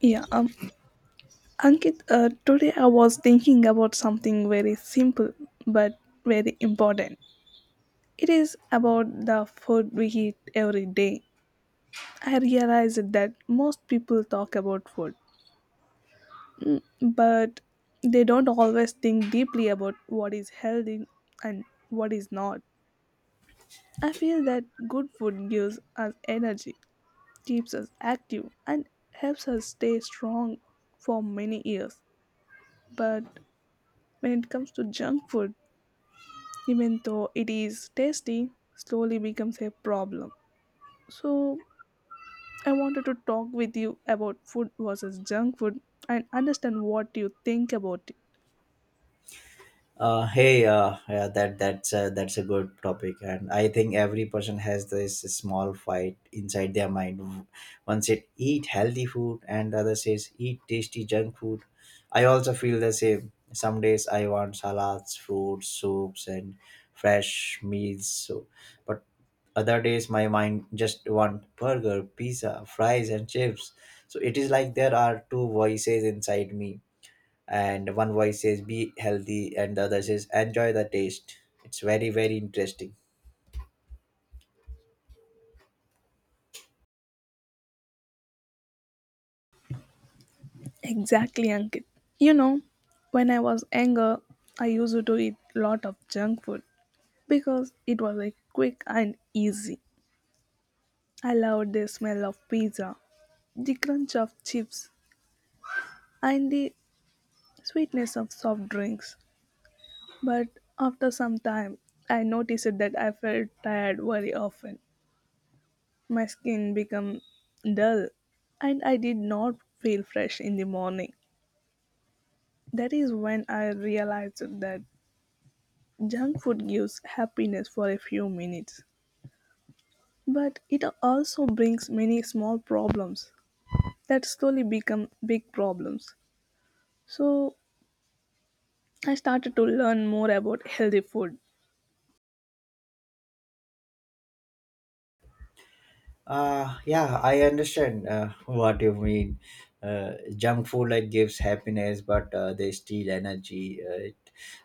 Yeah, um, Ankit, today I was thinking about something very simple but very important. It is about the food we eat every day. I realized that most people talk about food, but they don't always think deeply about what is healthy and what is not. I feel that good food gives us energy, keeps us active, and helps us stay strong for many years. But when it comes to junk food, even though it is tasty, slowly becomes a problem. So, I wanted to talk with you about food versus junk food and understand what you think about it. Hey, yeah, that's a good topic, and I think every person has this small fight inside their mind. One said eat healthy food, and the other says eat tasty junk food. I also feel the same. Some days I want salads, fruits, soups, and fresh meals. But other days my mind just want burger, pizza, fries, and chips. So it is like there are two voices inside me, and one voice says be healthy and the other says enjoy the taste. It's very very interesting. Exactly, Ankit. You know, when I was younger, I used to eat lot of junk food because it was like quick and easy. I loved the smell of pizza, the crunch of chips, and the sweetness of soft drinks. But after some time, I noticed that I felt tired very often. My skin became dull and I did not feel fresh in the morning. That is when I realized that junk food gives happiness for a few minutes, but it also brings many small problems that slowly become big problems. So I started to learn more about healthy food. Yeah, I understand what you mean. Junk food like gives happiness, but they steal energy.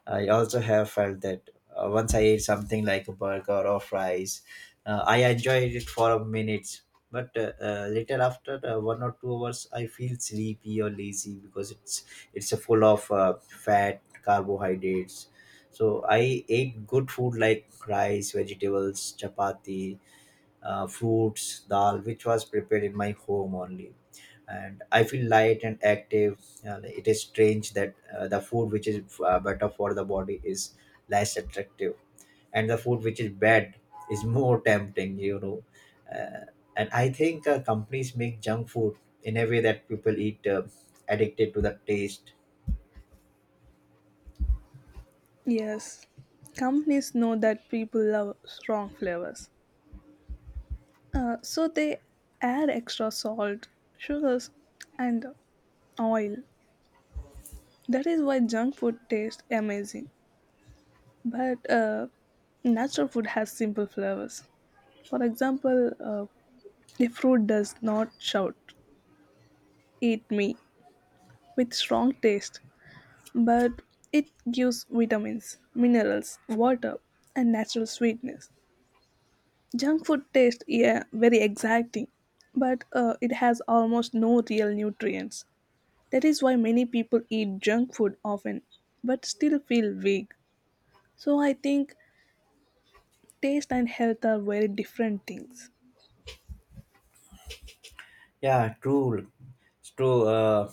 I also have felt that once I ate something like a burger or fries, I enjoyed it for a minute. But later, after 1 or 2 hours, I feel sleepy or lazy because it's a full of fat, carbohydrates. So I ate good food like rice, vegetables, chapati, fruits dal, which was prepared in my home only. And I feel light and active. It is strange that the food which is better for the body is less attractive, and the food which is bad is more tempting. uh, and I think companies make junk food in a way that people eat addicted to the taste. Yes, companies know that people love strong flavors, so they add extra salt, sugars, and oil. That is why junk food tastes amazing. But natural food has simple flavors. For example, a fruit does not shout, eat me, with strong taste, but it gives vitamins, minerals, water, and natural sweetness. Junk food tastes yeah, very exacting, but it has almost no real nutrients. That is why many people eat junk food often but still feel weak. So I think taste and health are very different things. Yeah, true. It's true. Uh,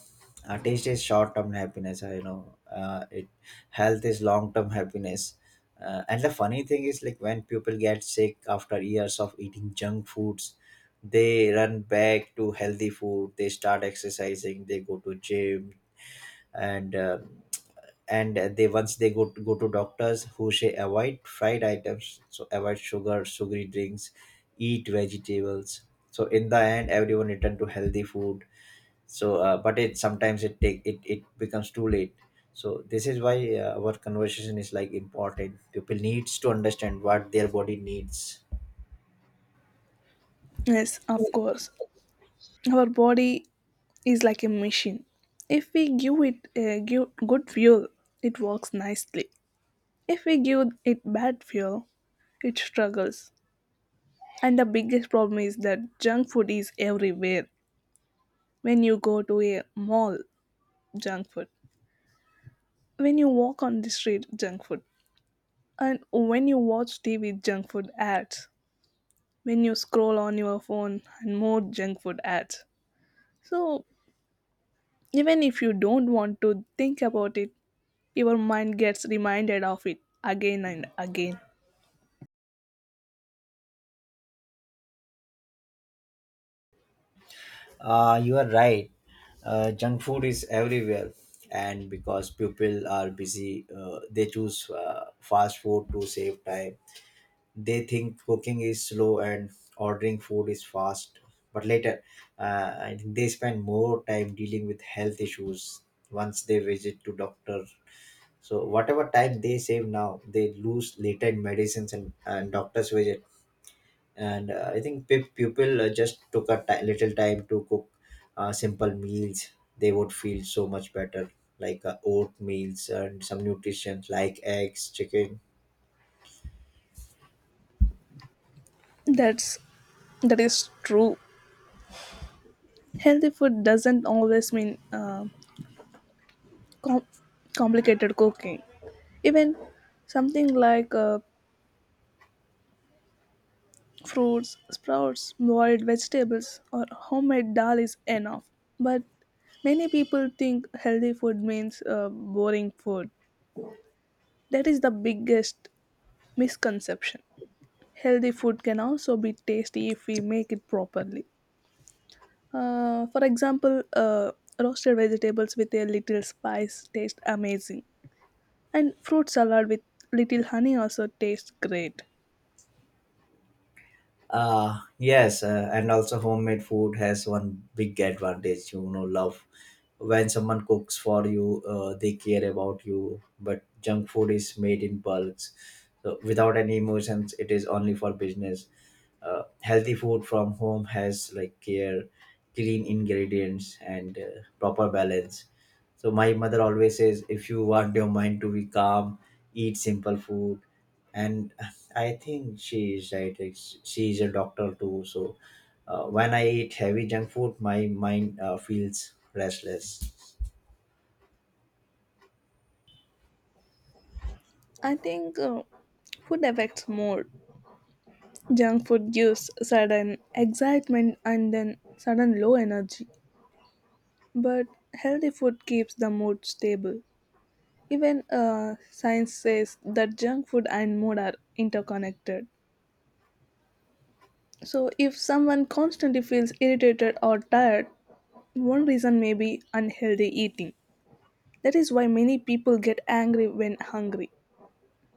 uh, Taste is short-term happiness. I know. It Health is long-term happiness. And the funny thing is, like when people get sick after years of eating junk foods, they run back to healthy food. They start exercising. They go to gym, and uh, and they once they go to doctors who say avoid fried items, so avoid sugar, sugary drinks, eat vegetables. So in the end, everyone return to healthy food. But it sometimes it take it, it becomes too late. So this is why our conversation is like important. People needs to understand what their body needs. Yes, of course. Our body is like a machine. If we give it a give good fuel, it works nicely. If we give it bad fuel, it struggles. And the biggest problem is that junk food is everywhere. When you go to a mall, junk food. When you walk on the street, junk food. And when you watch TV, junk food ads. When you scroll on your phone, and more junk food ads. So even if you don't want to think about it, your mind gets reminded of it again and again. You are right. Junk food is everywhere, and because people are busy, they choose fast food to save time. They think cooking is slow and ordering food is fast, but later I think they spend more time dealing with health issues once they visit to doctor. So whatever time they save now they lose later in medicines and doctor's visit. And I think people just took a little time to cook simple meals, they would feel so much better, like oat meals and some nutrition like eggs chicken. That's that is true. Healthy food doesn't always mean com- complicated cooking. Even something like fruits, sprouts, boiled vegetables, or homemade dal is enough. But many people think healthy food means boring food. That is the biggest misconception. Healthy food can also be tasty if we make it properly. For example, roasted vegetables with a little spice taste amazing, and fruit salad with little honey also tastes great. Yes, and also homemade food has one big advantage. You know, love when someone cooks for you, they care about you. But junk food is made in bulks, so without any emotions, it is only for business. Healthy food from home has like care, clean ingredients, and proper balance. So my mother always says, if you want your mind to be calm, eat simple food, and I think she is right. She is a doctor too. So when I eat heavy junk food, my mind feels restless. I think food affects mood. Junk food gives sudden excitement and then sudden low energy, but healthy food keeps the mood stable. Even science says that junk food and mood are interconnected. So, if someone constantly feels irritated or tired, one reason may be unhealthy eating. That is why many people get angry when hungry.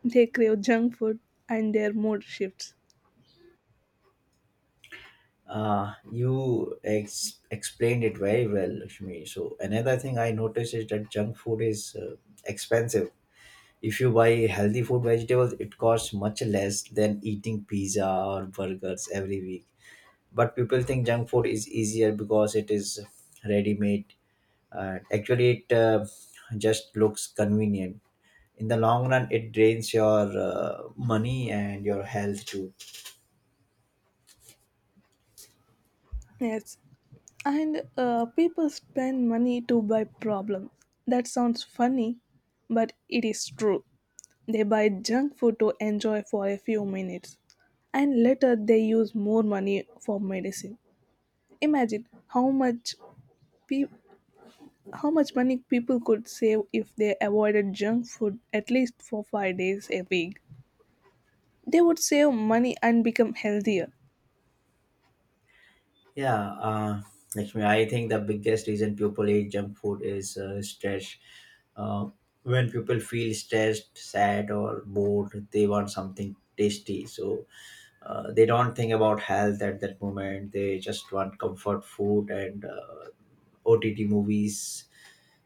They crave junk food and their mood shifts. You explained it very well, Lakshmi. So another thing I noticed is that junk food is expensive. If you buy healthy food, vegetables, it costs much less than eating pizza or burgers every week. But people think junk food is easier because it is ready made. Actually, it just looks convenient. In the long run it drains your money and your health too. Yes, and people spend money to buy problems. That sounds funny, but it is true. They buy junk food to enjoy for a few minutes, and later they use more money for medicine. Imagine how much pe- how much money people could save if they avoided junk food at least for 5 days a week. They would save money and become healthier. yeah uh, Lakshmi, I think the biggest reason people eat junk food is stress. uh, when people feel stressed sad or bored they want something tasty, so they don't think about health at that moment. They just want comfort food and ott movies.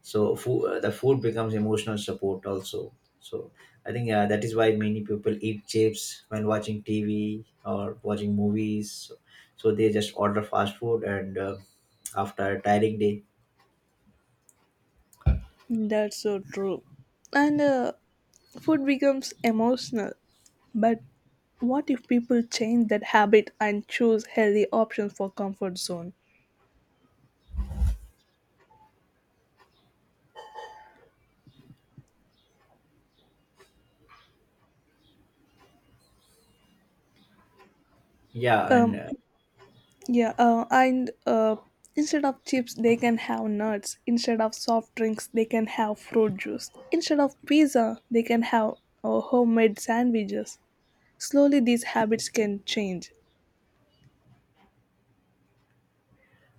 So the food becomes emotional support also. So I think yeah, that is why many people eat chips when watching tv or watching movies, so so they just order fast food and after a tiring day. That's so true. And food becomes emotional. But what if people change that habit and choose healthy options for comfort zone? yeah and Um, uh, yeah, and Instead of chips, they can have nuts. Instead of soft drinks, they can have fruit juice. Instead of pizza, they can have homemade sandwiches. Slowly, these habits can change.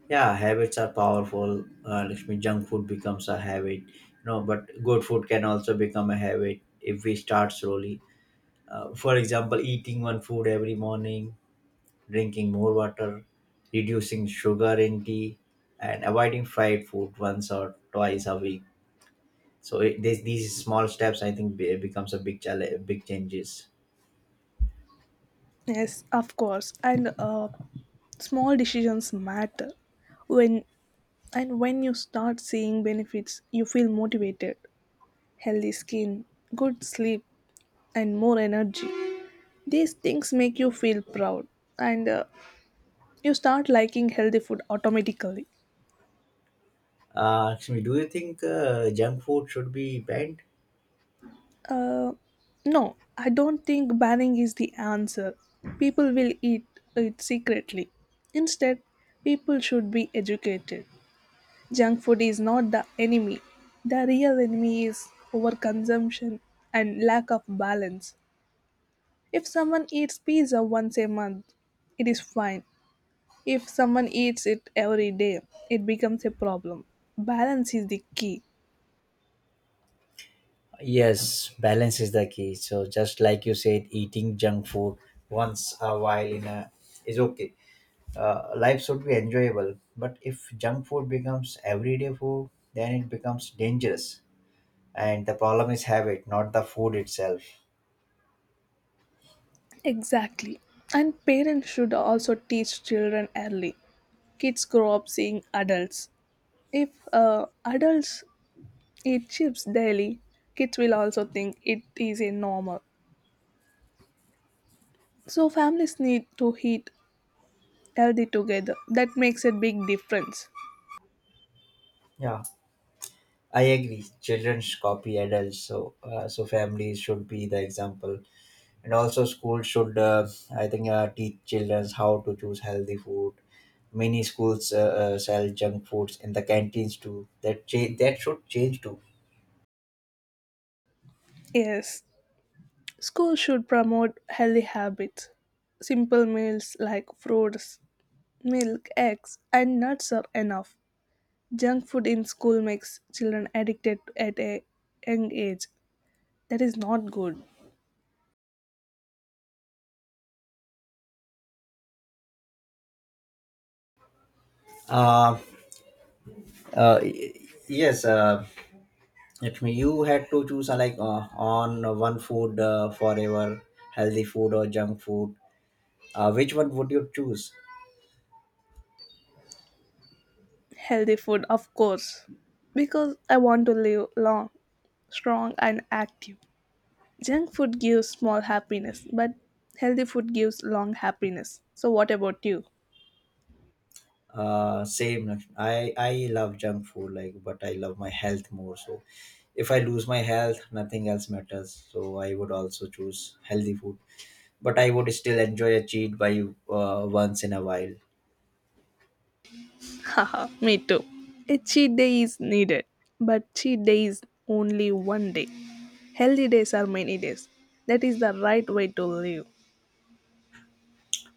yeah habits are powerful. Lakshmi, junk food becomes a habit you know, but good food can also become a habit if we start slowly. For example eating one food every morning, drinking more water, reducing sugar in tea, and avoiding fried food once or twice a week. So these small steps, I think, becomes a big challenge, big changes. Yes, of course, and small decisions matter. When and when you start seeing benefits, you feel motivated. Healthy skin, good sleep, and more energy. These things make you feel proud and you start liking healthy food automatically. Excuse me, do you think junk food should be banned? Uh, no, I don't think banning is the answer. People will eat it secretly. Instead, people should be educated. Junk food is not the enemy. The real enemy is overconsumption and lack of balance. If someone eats pizza once a month, it is fine. If someone eats it every day, it becomes a problem. Balance is the key. Yes, balance is the key. So just like you said, eating junk food once a while in a is okay. Life should be enjoyable, but if junk food becomes everyday food, then it becomes dangerous. And the problem is habit not the food itself. Exactly. And parents should also teach children early. Kids grow up seeing adults. If adults eat chips daily, kids will also think it is a normal. So families need to eat healthy together. That makes a big difference. Yeah, I agree children copy adults, so so families should be the example. And also schools should I think teach children how to choose healthy food. Many schools sell junk foods in the canteens too. That change that should change too. Yes, schools should promote healthy habits. Simple meals like fruits, milk, eggs, and nuts are enough. Junk food in school makes children addicted at a young age. That is not good. uh, uh, y- yes, it may you had to choose like on one food forever, healthy food or junk food, which one would you choose? Healthy food, of course, because I want to live long, strong, and active. Junk food gives small happiness, but healthy food gives long happiness. So, what about you? Same. Lakshmi. I love junk food, like, but I love my health more. So if I lose my health, nothing else matters. So I would also choose healthy food, but I would still enjoy a cheat by once in a while. Haha, me too. A cheat day is needed, but cheat day is only one day. Healthy days are many days. That is the right way to live.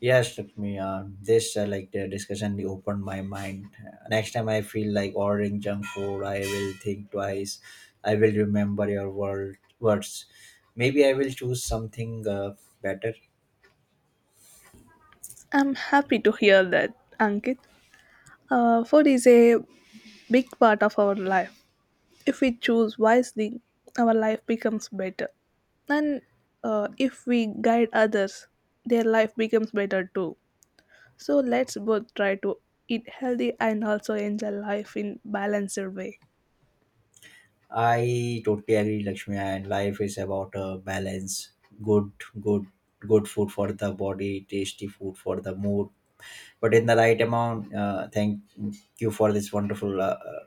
Yes, Lakshmi. This like the discussion opened my mind. Next time I feel like ordering junk food, I will think twice. I will remember your word, words. Maybe I will choose something better. I'm happy to hear that, Ankit. Food is a big part of our life. If we choose wisely, our life becomes better. And if we guide others, their life becomes better too. So let's both try to eat healthy and also enjoy life in balanced way. I totally agree, Lakshmi. And life is about a balance. Good, good, good food for the body, tasty food for the mood, but in the right amount. Thank you for this wonderful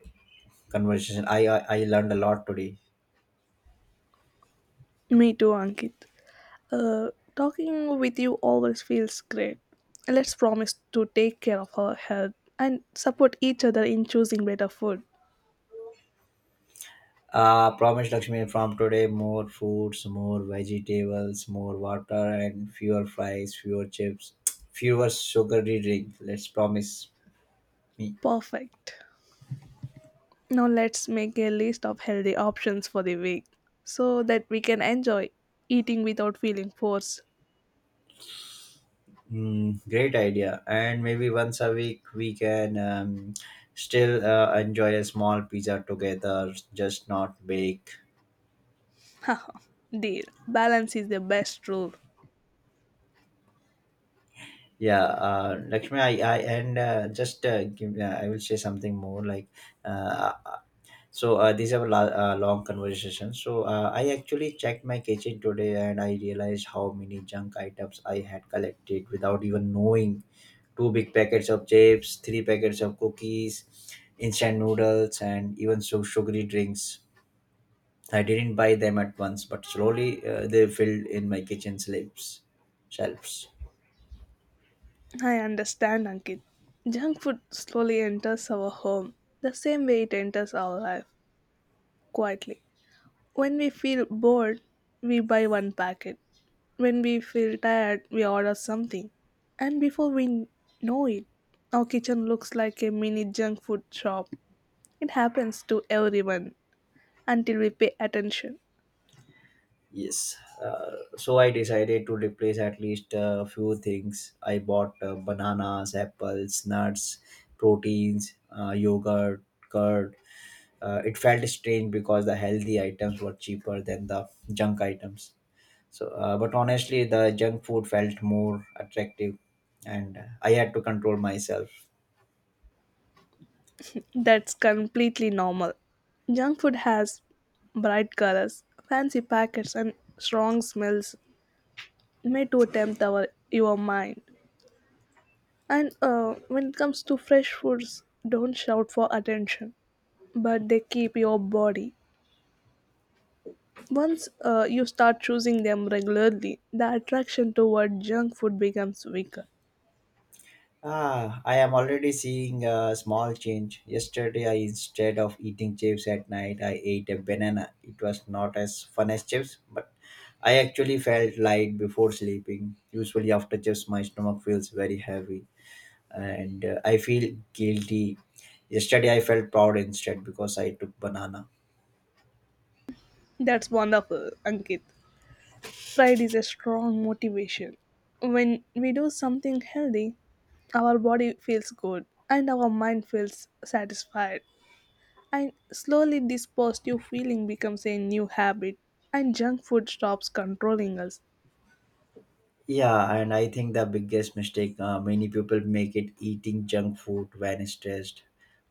conversation. I learned a lot today. Me too, Ankit. Uh, Talking with you always feels great. Let's promise to take care of our health and support each other in choosing better food. Promise, Lakshmi, from today more fruits, more vegetables, more water, and fewer fries, fewer chips, fewer sugary drink. Let's promise me. Perfect. Now let's make a list of healthy options for the week so that we can enjoy eating without feeling forced. Mm, great idea. And maybe once a week we can still enjoy a small pizza together, just not bake. Haha, deal. Balance is the best rule. Yeah, Lakshmi, I and just give, I will say something more like uh, these are long conversations. So I actually checked my kitchen today and I realized how many junk items I had collected without even knowing, two big packets of chips, three packets of cookies, instant noodles, and even so sugary drinks. I didn't buy them at once, but slowly they filled in my kitchen slips, shelves. I understand, Ankit. Junk food slowly enters our home the same way it enters our life, quietly. When we feel bored, we buy one packet. When we feel tired, we order something. And before we know it, our kitchen looks like a mini junk food shop. It happens to everyone until we pay attention. Yes. Uh, so I decided to replace at least a few things. I bought bananas, apples, nuts, proteins, yogurt, curd. It felt strange because the healthy items were cheaper than the junk items. But honestly, the junk food felt more attractive, and I had to control myself. That's completely normal. Junk food has bright colors, fancy packets, and strong smells made to tempt our your mind. And when it comes to fresh foods, don't shout for attention, but they keep your body. Once you start choosing them regularly, the attraction toward junk food becomes weaker. Ah, I am already seeing a small change. Yesterday, I instead of eating chips at night, I ate a banana. It was not as fun as chips, but I actually felt light before sleeping. Usually, after chips, my stomach feels very heavy, and I feel guilty. Yesterday, I felt proud instead because I took banana. That's wonderful, Ankit. Pride is a strong motivation. When we do something healthy, our body feels good and our mind feels satisfied. And slowly, this positive feeling becomes a new habit, and junk food stops controlling us. Yeah, and I think the biggest mistake many people make it eating junk food when stressed,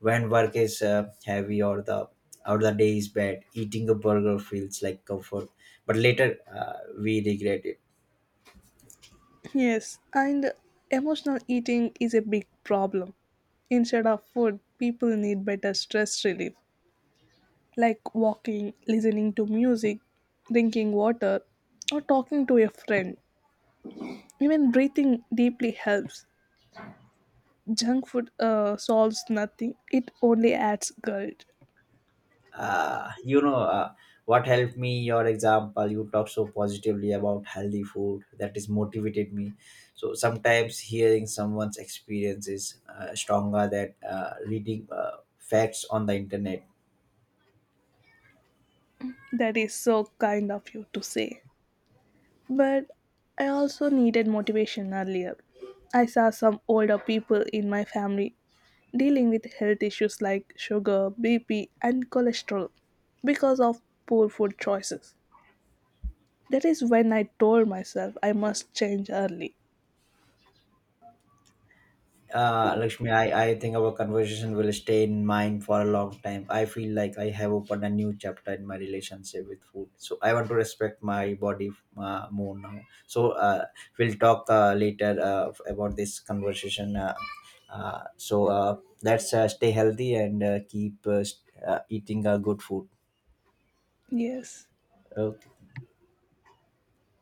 when work is heavy or the day is bad. Eating a burger feels like comfort, but later we regret it. Yes, and emotional eating is a big problem. Instead of food, people need better stress relief, like walking, listening to music, drinking water, or talking to a friend. Even breathing deeply helps. Junk food solves nothing. It only adds guilt. You know, what helped me? Your example. You talk so positively about healthy food that is motivated me. So sometimes hearing someone's experience is stronger than reading facts on the internet. That is so kind of you to say, but I also needed motivation earlier. I saw some older people in my family dealing with health issues like sugar, BP, and cholesterol because of poor food choices. That is when I told myself I must change early. Lakshmi, I think our conversation will stay in mind for a long time. I feel like I have opened a new chapter in my relationship with food. So I want to respect my body more now. So we'll talk later about this conversation. Uh, so uh, let's stay healthy and keep eating good food. Yes. Okay.